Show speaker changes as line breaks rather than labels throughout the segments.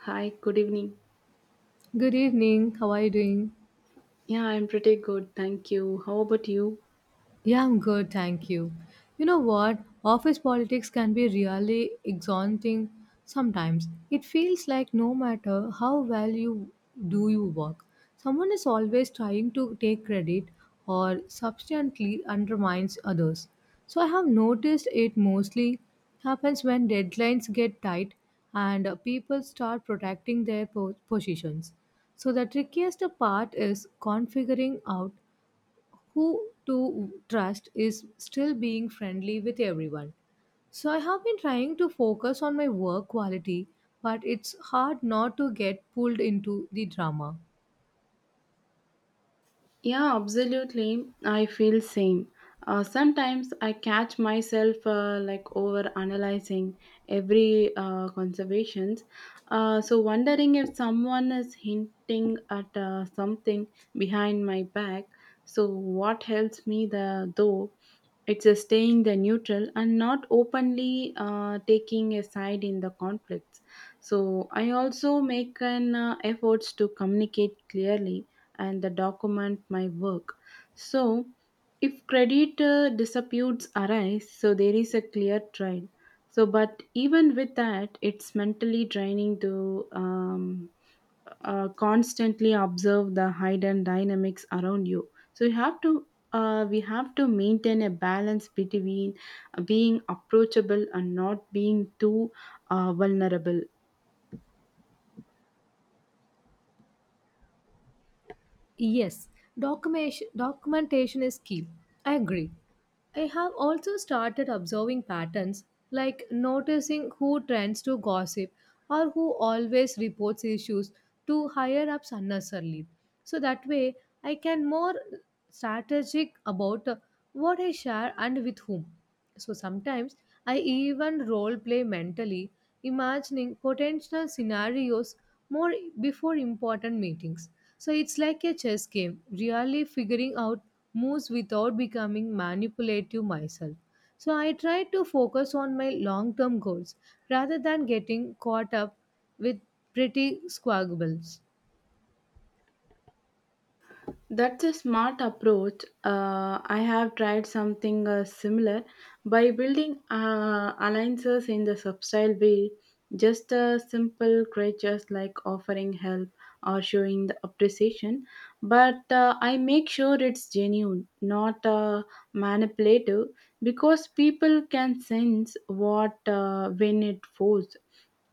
Hi, good evening.
Good evening. How are you doing?
Yeah, I'm pretty good, thank you. How about you?
Yeah, I'm good. Thank you. You know what? Office politics can be really exhausting sometimes. It feels like no matter how well you do your work, someone is always trying to take credit or substantially undermines others. So I have noticed it mostly happens when deadlines get tight and people start protecting their positions. So the trickiest part is configuring out who to trust is still being friendly with everyone. So I have been trying to focus on my work quality, but it's hard not to get pulled into the drama.
Yeah, absolutely. I feel same. Sometimes I catch myself like over analyzing every conservations. So wondering if someone is hinting at something behind my back. So what helps me the though, it's a staying the neutral and not openly taking a side in the conflicts. So I also make an efforts to communicate clearly and the document my work. So if credit disputes arise, so there is a clear trial. So, but even with that, it's mentally draining to constantly observe the hidden dynamics around you so you have to we have to maintain a balance between being approachable and not being too vulnerable.
Yes, documentation is key. I agree. I have also started observing patterns like noticing who trends to gossip or who always reports issues to higher ups unnecessarily. So that way, I can more strategic about what I share and with whom. So sometimes I even role play mentally, imagining potential scenarios more before important meetings. So it's like a chess game, really figuring out moves without becoming manipulative myself. So I try to focus on my long term goals rather than getting caught up with pretty squabbles.
That's a smart approach. I have tried something similar by building alliances in the subtle way, just simple gestures like offering help or showing the appreciation. But I make sure it's genuine, not manipulative, because people can sense what when it forced.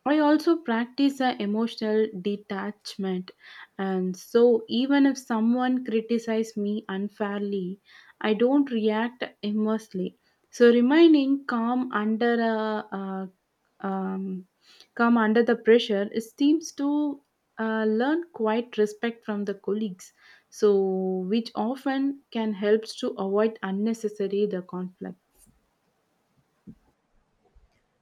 I also practice a emotional detachment, and so even if someone criticizes me unfairly, I don't react emotionally, so remaining calm under a um, calm under the pressure is seems to learn quite respect from the colleagues, so which often can helps to avoid unnecessary the conflict.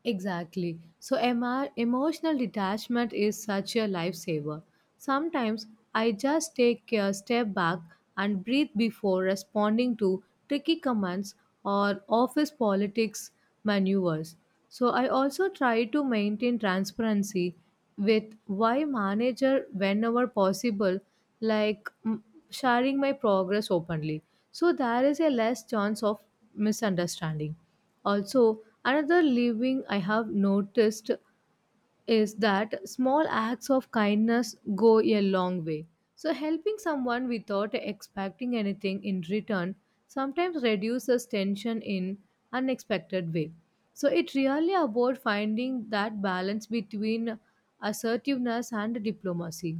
Exactly. So emotional detachment is such a lifesaver. Sometimes I just take a step back and breathe before responding to tricky commands or office politics maneuvers. So I also try to maintain transparency with my manager whenever possible, like sharing my progress openly. So there is a less chance of misunderstanding. Also, another living I have noticed is that small acts of kindness go a long way. So, helping someone without expecting anything in return sometimes reduces tension in unexpected way. So, it really about finding that balance between assertiveness and diplomacy.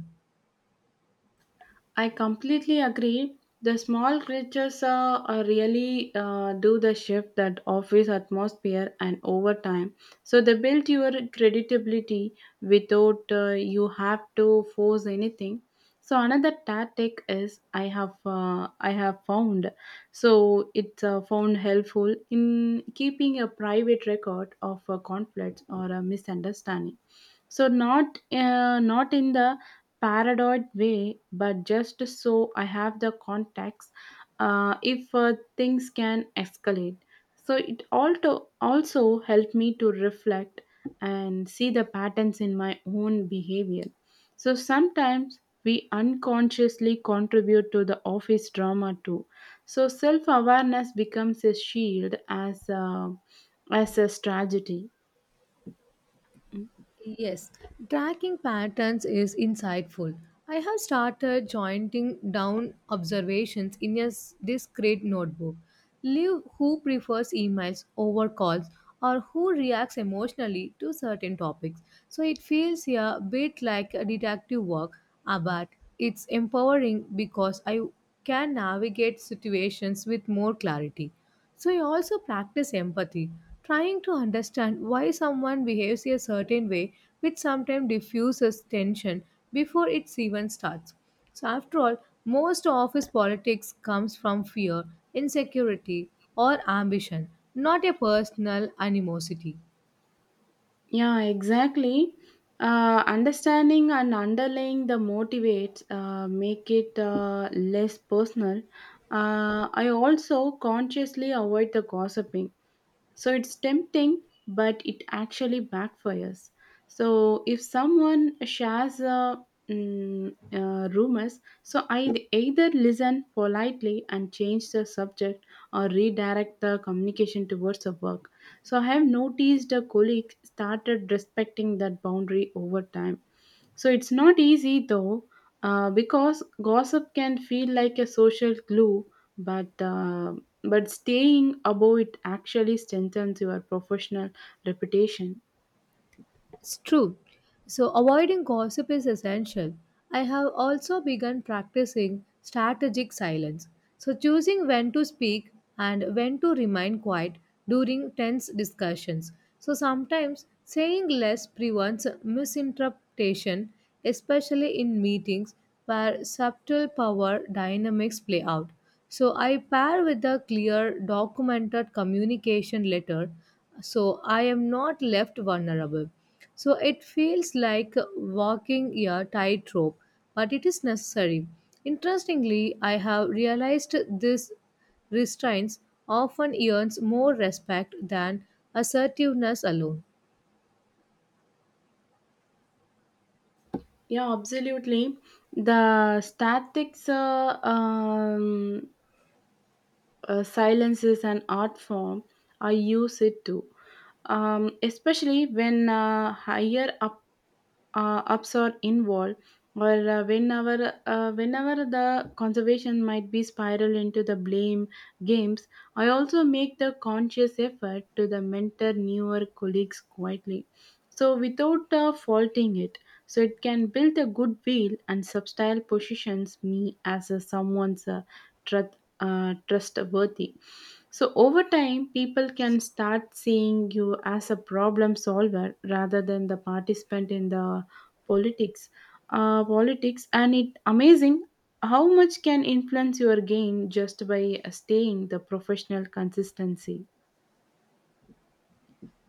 I completely agree. The small creatures really do the shift that office atmosphere and over time. So they build your credibility without you have to force anything. So another tactic is I have found, so it's found helpful in keeping a private record of conflicts or a misunderstanding. So not in the paranoid way, but just so I have the context if things can escalate. So it also helped me to reflect and see the patterns in my own behavior. So sometimes we unconsciously contribute to the office drama too. So self awareness becomes a shield as a strategy.
Yes, tracking patterns is insightful. I have started jotting down observations in a discrete notebook. Leave who prefers emails over calls or who reacts emotionally to certain topics. So it feels a bit like a detective work, but it's empowering because I can navigate situations with more clarity. So I also practice empathy, trying to understand why someone behaves a certain way, which sometimes diffuses tension before it even starts. So after all, most office politics comes from fear, insecurity, or ambition, not a personal animosity.
Yeah, exactly. Understanding and underlying the motivates make it less personal. I also consciously avoid the gossiping, so it's tempting, but it actually backfires. So if someone shares rumors, so I either listen politely and change the subject or redirect the communication towards the work. So I have noticed a colleague started respecting that boundary over time. So it's not easy though, because gossip can feel like a social glue, but uh, but staying above it actually strengthens your professional reputation.
It's true. So, avoiding gossip is essential. I have also begun practicing strategic silence. So, choosing when to speak and when to remain quiet during tense discussions. So, sometimes saying less prevents misinterpretation, especially in meetings where subtle power dynamics play out. So, I pair with a clear, documented communication letter so I am not left vulnerable. So it feels like walking a tightrope, but it is necessary. Interestingly, I have realized this restraints often earns more respect than assertiveness alone.
Yeah, absolutely. The statics silence is an art form. I use it too, especially when higher up ups or involved, or whenever the conservation might be spiral into the blame games. I also make the conscious effort to the mentor newer colleagues quietly, so without faulting it, so it can build a goodwill and substyle positions me as a someone's trustworthy. So over time, people can start seeing you as a problem solver rather than the participant in the politics politics. And it amazing how much can influence your gain just by staying the professional consistency.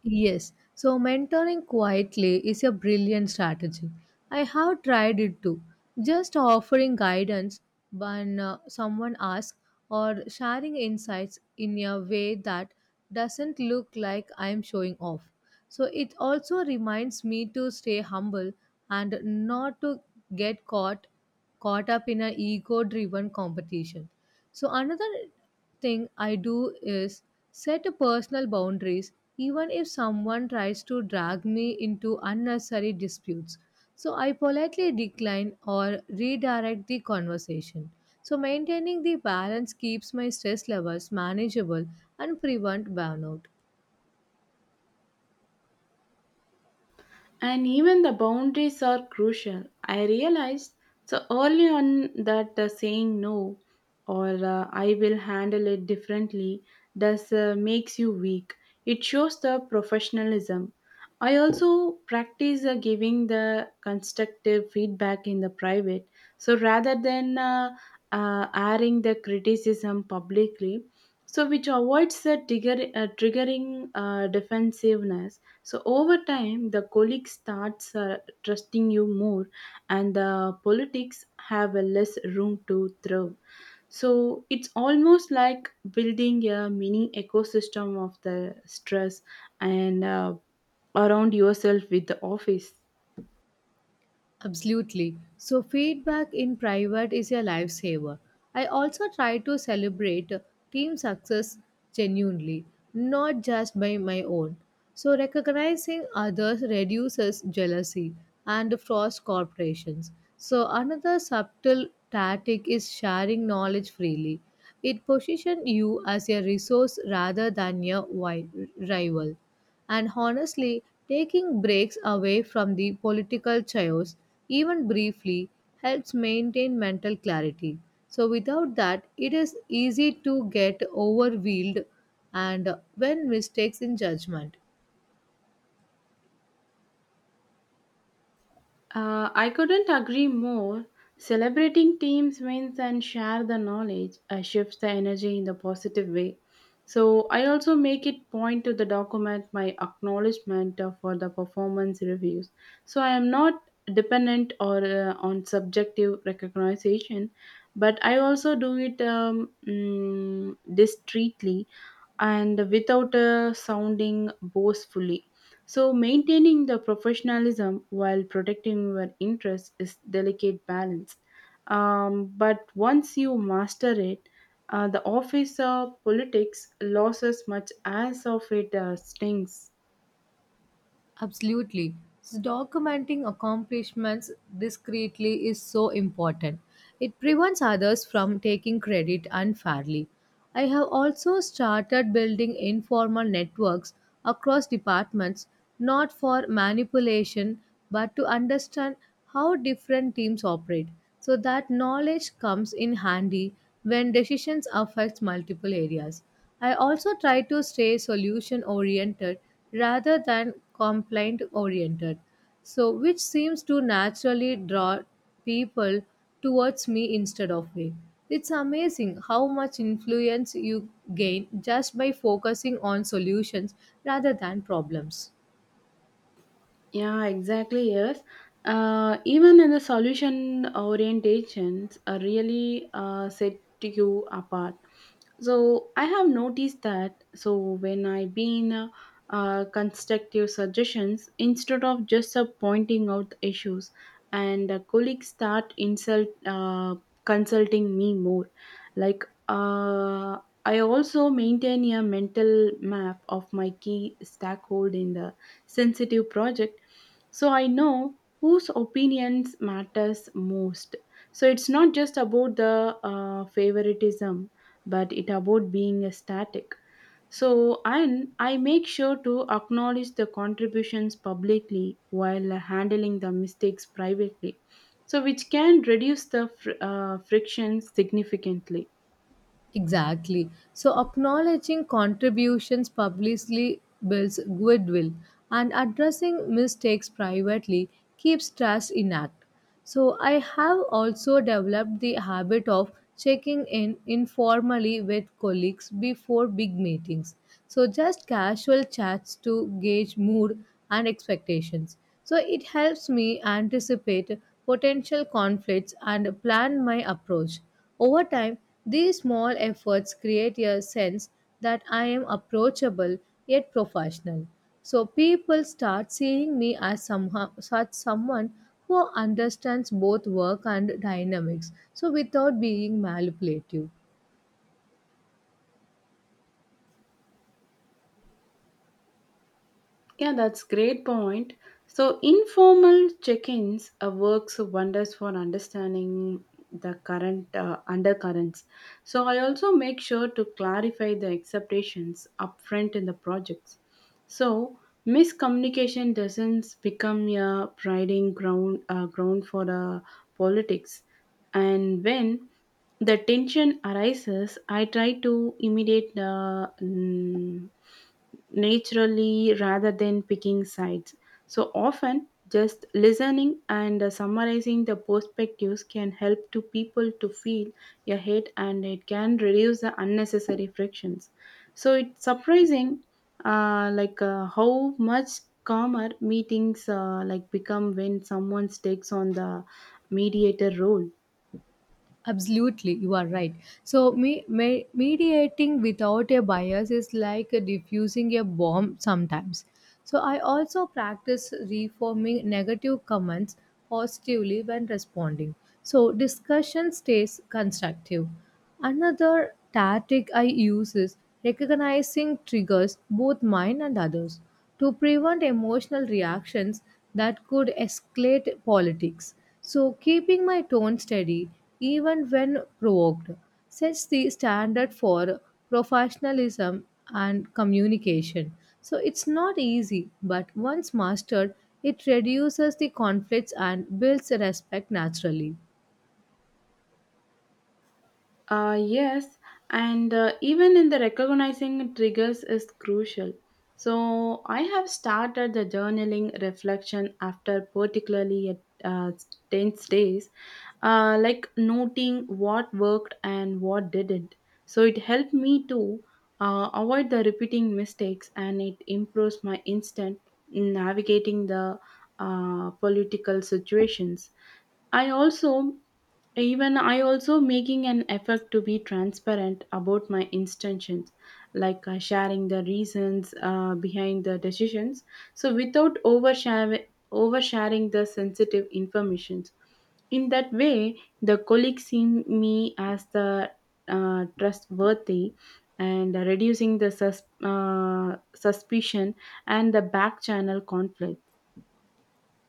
Yes, so mentoring quietly is a brilliant strategy. I have tried it too. Just offering guidance when someone asks or sharing insights in a way that doesn't look like I'm showing off. So it also reminds me to stay humble and not to get caught up in a ego driven competition. So another thing I do is set a personal boundaries even if someone tries to drag me into unnecessary disputes. So I politely decline or redirect the conversation. So maintaining the balance keeps my stress levels manageable and prevent burnout.
And even the boundaries are crucial. I realized so early on that saying no or I will handle it differently does makes you weak. It shows the professionalism. I also practice giving the constructive feedback in the private. So rather than airing the criticism publicly, so which avoids the triggering defensiveness. So over time, the colleague starts trusting you more, and the politics have a less room to thrive. So it's almost like building a mini ecosystem of the stress and around yourself with the office.
Absolutely. So, feedback in private is a lifesaver. I also try to celebrate team success genuinely, not just by my own. So, recognizing others reduces jealousy and frost corporations. So, another subtle tactic is sharing knowledge freely. It positions you as a resource rather than your rival. And honestly, taking breaks away from the political chaos, even briefly, helps maintain mental clarity. So, without that, it is easy to get overwhelmed and when mistakes in judgment.
I couldn't agree more. Celebrating teams wins and share the knowledge shifts the energy in the positive way. So I also make it point to the document my acknowledgement for the performance reviews. So I am not dependent or on subjective recognition, but I also do it discreetly and without sounding boastfully. So, maintaining the professionalism while protecting your interests is delicate balance. But once you master it, the office of politics loses much as of it stings.
Absolutely. So documenting accomplishments discreetly is so important. It prevents others from taking credit unfairly. I have also started building informal networks across departments, not for manipulation, but to understand how different teams operate. So that knowledge comes in handy when decisions affect multiple areas. I also try to stay solution oriented rather than complaint oriented, so which seems to naturally draw people towards me instead of me. It's amazing how much influence you gain just by focusing on solutions rather than problems.
Yeah, exactly. Yes. Even in the solution orientations are really set you apart. So I have noticed that. So when I been constructive suggestions instead of just pointing out issues, and colleagues start insult consulting me more. Like I also maintain a mental map of my key stakeholder in the sensitive project, so I know whose opinions matters most. So it's not just about the favoritism, but it about being a static. So and I make sure to acknowledge the contributions publicly while handling the mistakes privately, so which can reduce the friction significantly.
Exactly. So, acknowledging contributions publicly builds goodwill, and addressing mistakes privately keeps trust intact. So, I have also developed the habit of checking in informally with colleagues before big meetings. So, just casual chats to gauge mood and expectations. So, it helps me anticipate potential conflicts and plan my approach. Over time, these small efforts create a sense that I am approachable yet professional. So people start seeing me as such someone who understands both work and dynamics, so without being manipulative.
Yeah, that's great point. So informal check-ins works wonders for understanding the current undercurrents. So I also make sure to clarify the expectations upfront in the projects. So miscommunication doesn't become a priding ground for the politics. And when the tension arises, I try to imitate the naturally rather than picking sides. So often, just listening and summarizing the perspectives can help to people to feel ahead, and it can reduce the unnecessary frictions. So it's surprising like how much calmer meetings like become when someone takes on the mediator role.
Absolutely, you are right. So, mediating without a bias is like diffusing a bomb sometimes. So, I also practice reforming negative comments positively when responding. So, discussion stays constructive. Another tactic I use is recognizing triggers, both mine and others, to prevent emotional reactions that could escalate politics. So, keeping my tone steady even when provoked sets the standard for professionalism and communication. So, it's not easy, but once mastered, it reduces the conflicts and builds respect naturally.
Yes, and even in the recognizing triggers is crucial. So I have started the journaling reflection after particularly at uh, tense days, like noting what worked and what didn't. So it helped me to avoid the repeating mistakes, and it improves my instant in navigating the political situations. I also I also making an effort to be transparent about my intentions, like sharing the reasons behind the decisions. So without overshare, oversharing the sensitive information. In that way, the colleagues see me as the trustworthy, and reducing the suspicion and the back channel conflict.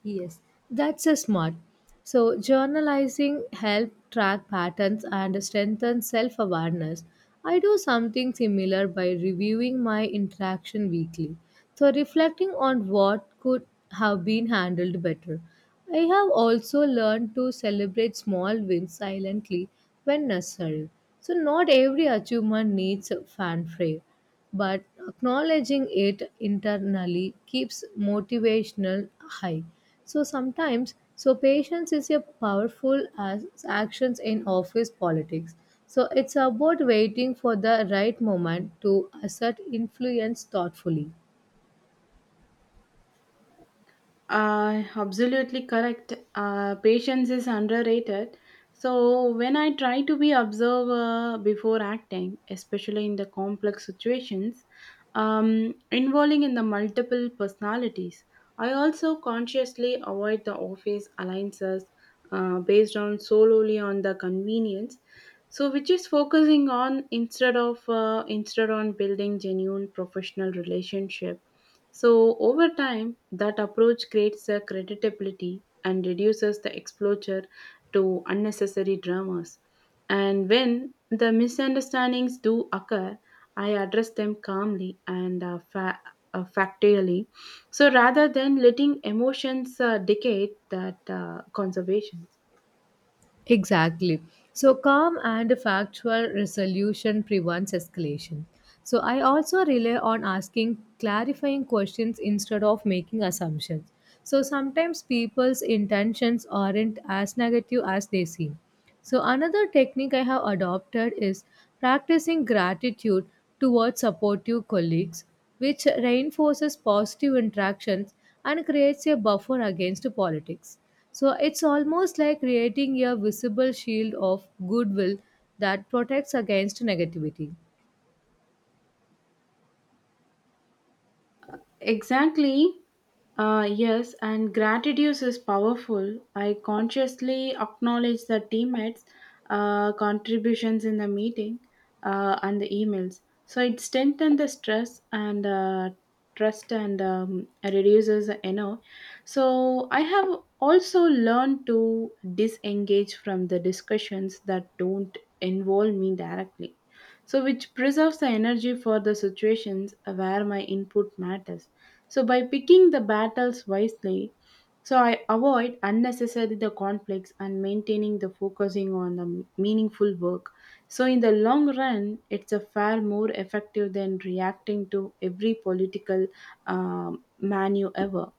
Yes, that's a smart. So journalizing help track patterns and strengthen self-awareness. I do something similar by reviewing my interaction weekly. So reflecting on what could have been handled better. I have also learned to celebrate small wins silently when necessary. So not every achievement needs a fanfare but acknowledging it internally keeps motivational high. So sometimes so patience is a powerful as actions in office politics. So it's about waiting for the right moment to assert influence thoughtfully.
Absolutely correct. Patience is underrated. So when I try to be observer before acting, especially in the complex situations, involving in the multiple personalities, I also consciously avoid the office alliances based on solely on the convenience. So which is focusing on instead on building genuine professional relationship. So, over time, that approach creates a creditability and reduces the exposure to unnecessary dramas. And when the misunderstandings do occur, I address them calmly and factually. So, rather than letting emotions dictate that conservation.
Exactly. So, calm and factual resolution prevents escalation. So, I also rely on asking clarifying questions instead of making assumptions. So, sometimes people's intentions aren't as negative as they seem. So, another technique I have adopted is practicing gratitude towards supportive colleagues, which reinforces positive interactions and creates a buffer against politics. So, it's almost like creating a visible shield of goodwill that protects against negativity.
Exactly. Yes, and gratitude is powerful. I consciously acknowledge the teammates' contributions in the meeting and the emails. So it strengthens the stress and trust, and reduces the eno. So I have also learned to disengage from the discussions that don't involve me directly, so which preserves the energy for the situations where my input matters. So by picking the battles wisely, so I avoid unnecessarily the conflicts and maintaining the focusing on the meaningful work. So in the long run, it's a far more effective than reacting to every political manu ever.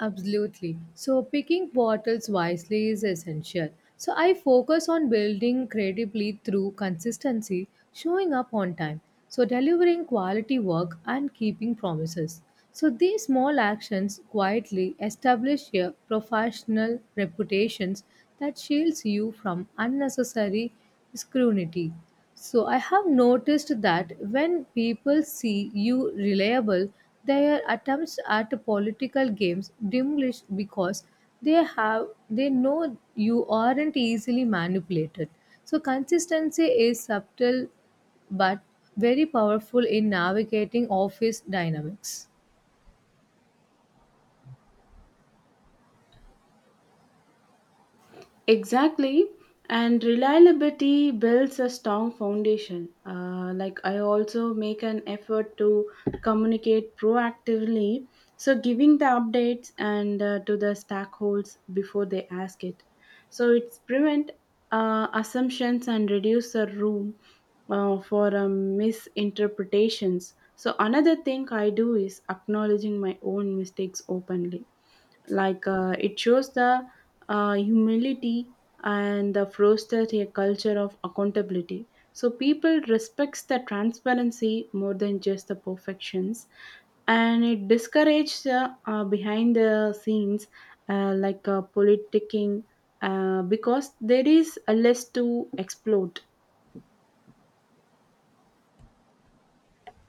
Absolutely. So, picking bottles wisely is essential. So, I focus on building credibly through consistency, showing up on time, so delivering quality work and keeping promises. So, these small actions quietly establish your professional reputations that shields you from unnecessary scrutiny. So I have noticed that when people see you reliable, their attempts at political games diminish because they know you aren't easily manipulated. So consistency is subtle but very powerful in navigating office dynamics.
Exactly. And reliability builds a strong foundation. Like I also make an effort to communicate proactively, so giving the updates and to the stakeholders before they ask it. So it's prevent assumptions and reduce the room for misinterpretations. So another thing I do is acknowledging my own mistakes openly, like it shows the humility and the fosters a culture of accountability. So people respects the transparency more than just the perfections, and it discourages behind the scenes like politicking because there is a less to exploit.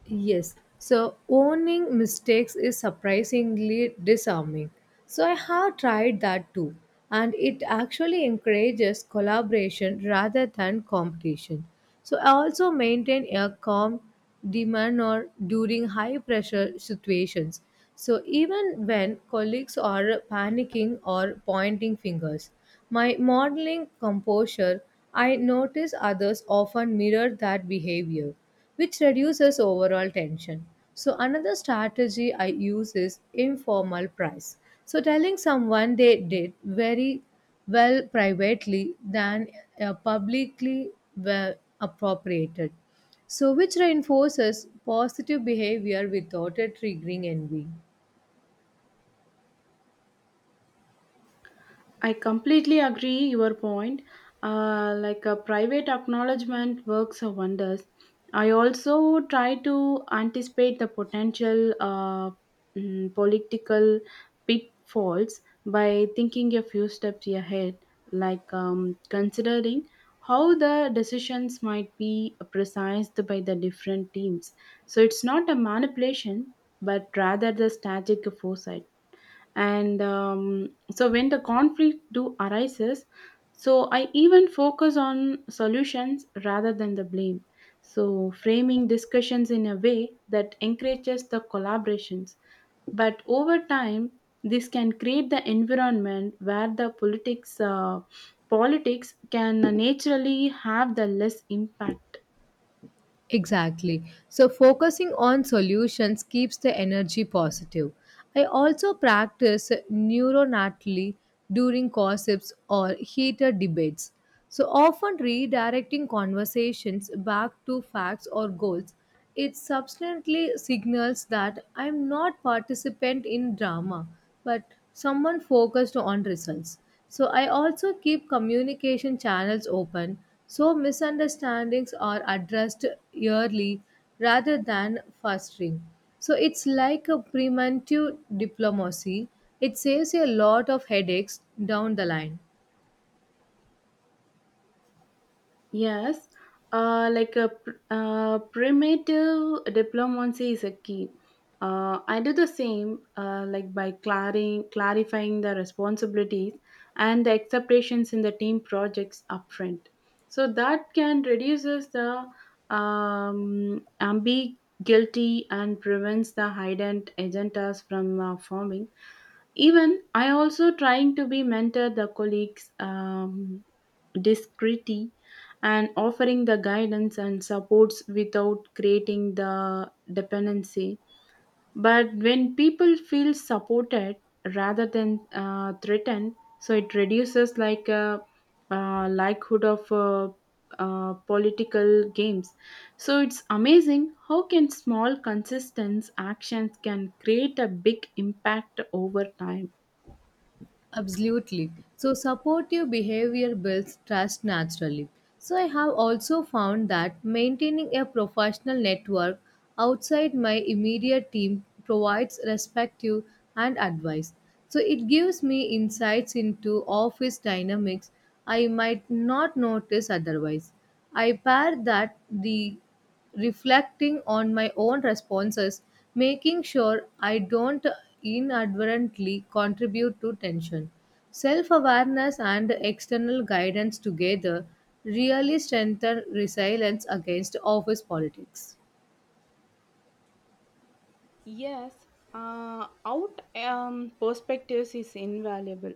Yes. So owning mistakes is surprisingly disarming. So I have tried that too. And it actually encourages collaboration rather than competition. So I also maintain a calm demeanor during high pressure situations. So even when colleagues are panicking or pointing fingers, my modeling composure, I notice others often mirror that behavior which reduces overall tension. So, another strategy I use is informal price. So, telling someone they did very well privately than publicly well appropriated. So, which reinforces positive behavior without it triggering envy.
I completely agree your point. Like a private acknowledgement works of wonders. I also try to anticipate the potential political pitfalls by thinking a few steps ahead, like considering how the decisions might be precised by the different teams. So it's not a manipulation, but rather the strategic foresight. And so when the conflict do arises, so I even focus on solutions rather than the blame, so framing discussions in a way that encourages the collaborations. But over time, this can create the environment where the politics can naturally have the less impact.
Exactly. So, focusing on solutions keeps the energy positive. I also practice neuronatally during gossips or heated debates. So, often redirecting conversations back to facts or goals, it substantially signals that I'm not participant in drama but someone focused on results. So I also keep communication channels open so misunderstandings are addressed early rather than fostering. So it's like a preventive diplomacy. It saves you a lot of headaches down the line.
Yes, like a primitive diplomacy is a key. I do the same, like by clarifying the responsibilities and the expectations in the team projects upfront. So that can reduces the ambiguity and prevents the hidden agendas from forming. Even I also trying to be mentor the colleagues discreetly and offering the guidance and supports without creating the dependency. But when people feel supported rather than threatened, so it reduces likelihood of political games. So it's amazing how can small consistent actions can create a big impact over time.
Absolutely. So, supportive behavior builds trust naturally. So, I have also found that maintaining a professional network outside my immediate team provides perspective and advice. So, it gives me insights into office dynamics I might not notice otherwise. I pair that the reflecting on my own responses, making sure I don't inadvertently contribute to tension. Self awareness and external guidance together really strengthen resilience against office politics.
Yes, out perspectives is invaluable,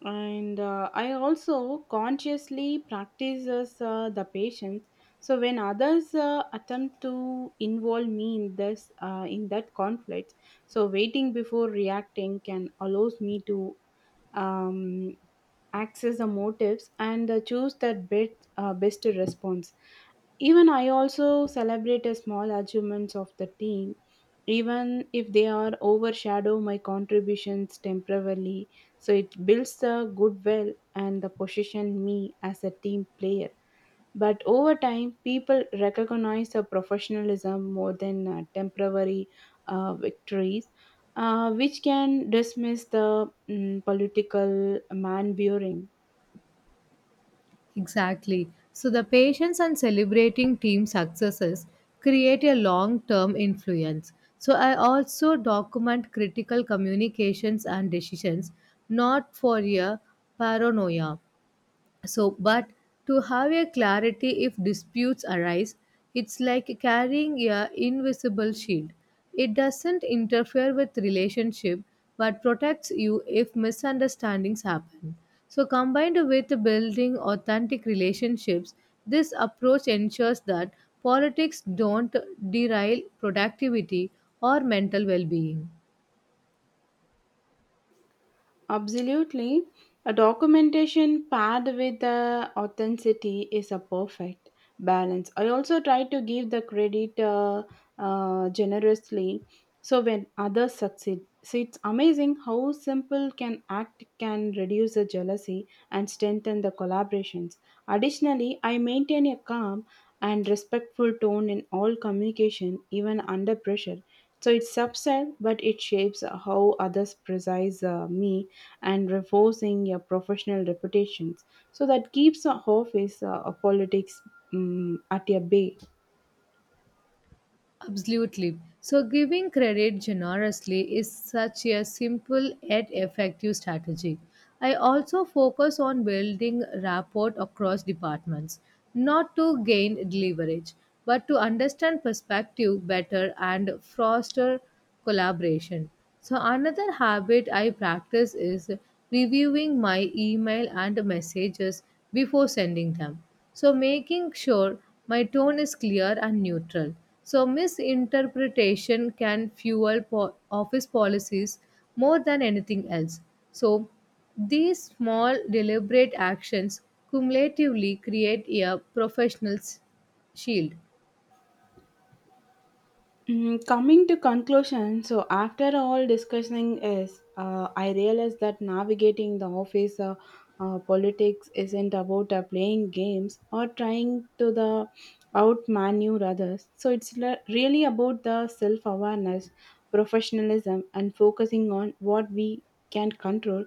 and I also consciously practices the patience. So when others attempt to involve me in this in that conflict, so waiting before reacting can allows me to um, access the motives and choose that best response. Even I also celebrate a small achievements of the team, even if they are overshadow my contributions temporarily. So it builds the goodwill and the position me as a team player. But over time, people recognize the professionalism more than temporary victories, which can dismiss the political man-bearing.
Exactly. So, the patience and celebrating team successes create a long term influence. So, I also document critical communications and decisions, not for a paranoia, so, but to have a clarity if disputes arise, it's like carrying a invisible shield. It doesn't interfere with relationship but protects you if misunderstandings happen. So, combined with building authentic relationships, this approach ensures that politics don't derail productivity or mental well-being.
Absolutely. A documentation paired with the authenticity is a perfect balance. I also try to give the credit generously. So when others succeed, so it's amazing how simple can act can reduce the jealousy and strengthen the collaborations. Additionally, I maintain a calm and respectful tone in all communication, even under pressure. So it's subtle, but it shapes how others precise me and reinforcing your professional reputations. So that keeps a office or politics at a bay.
Absolutely. So, giving credit generously is such a simple yet effective strategy. I also focus on building rapport across departments, not to gain leverage, but to understand perspective better and foster collaboration. So, another habit I practice is reviewing my email and messages before sending them. So, making sure my tone is clear and neutral. So, misinterpretation can fuel office policies more than anything else. So, these small, deliberate actions cumulatively create a professional shield.
Coming to conclusion, so after all discussing is, I realized that navigating the office politics isn't about playing games or trying to the outmaneuver others. So it's really about the self-awareness, professionalism, and focusing on what we can control,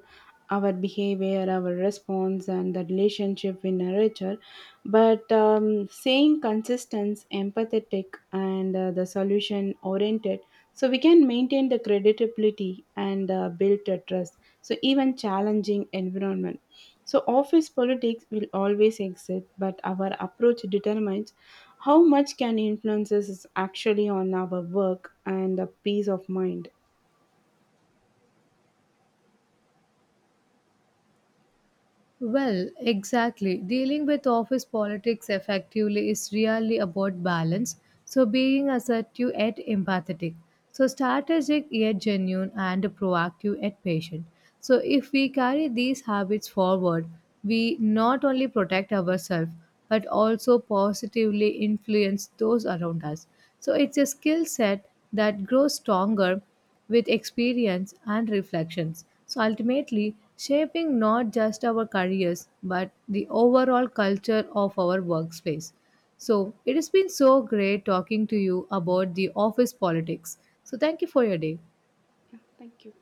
our behavior, our response, and the relationship in nature. But saying consistent, empathetic, and the solution oriented, so we can maintain the credibility and build the trust. So even challenging environment. So office politics will always exist, but our approach determines how much can influences is actually on our work and the peace of mind.
Well, exactly. Dealing with office politics effectively is really about balance. So, being assertive yet empathetic. So, strategic yet genuine and proactive yet patient. So, if we carry these habits forward, we not only protect ourselves but also positively influence those around us. So, it's a skill set that grows stronger with experience and reflections. So ultimately, shaping not just our careers but the overall culture of our workspace. So it has been so great talking to you about the office politics. So thank you for your day.
Yeah, thank you.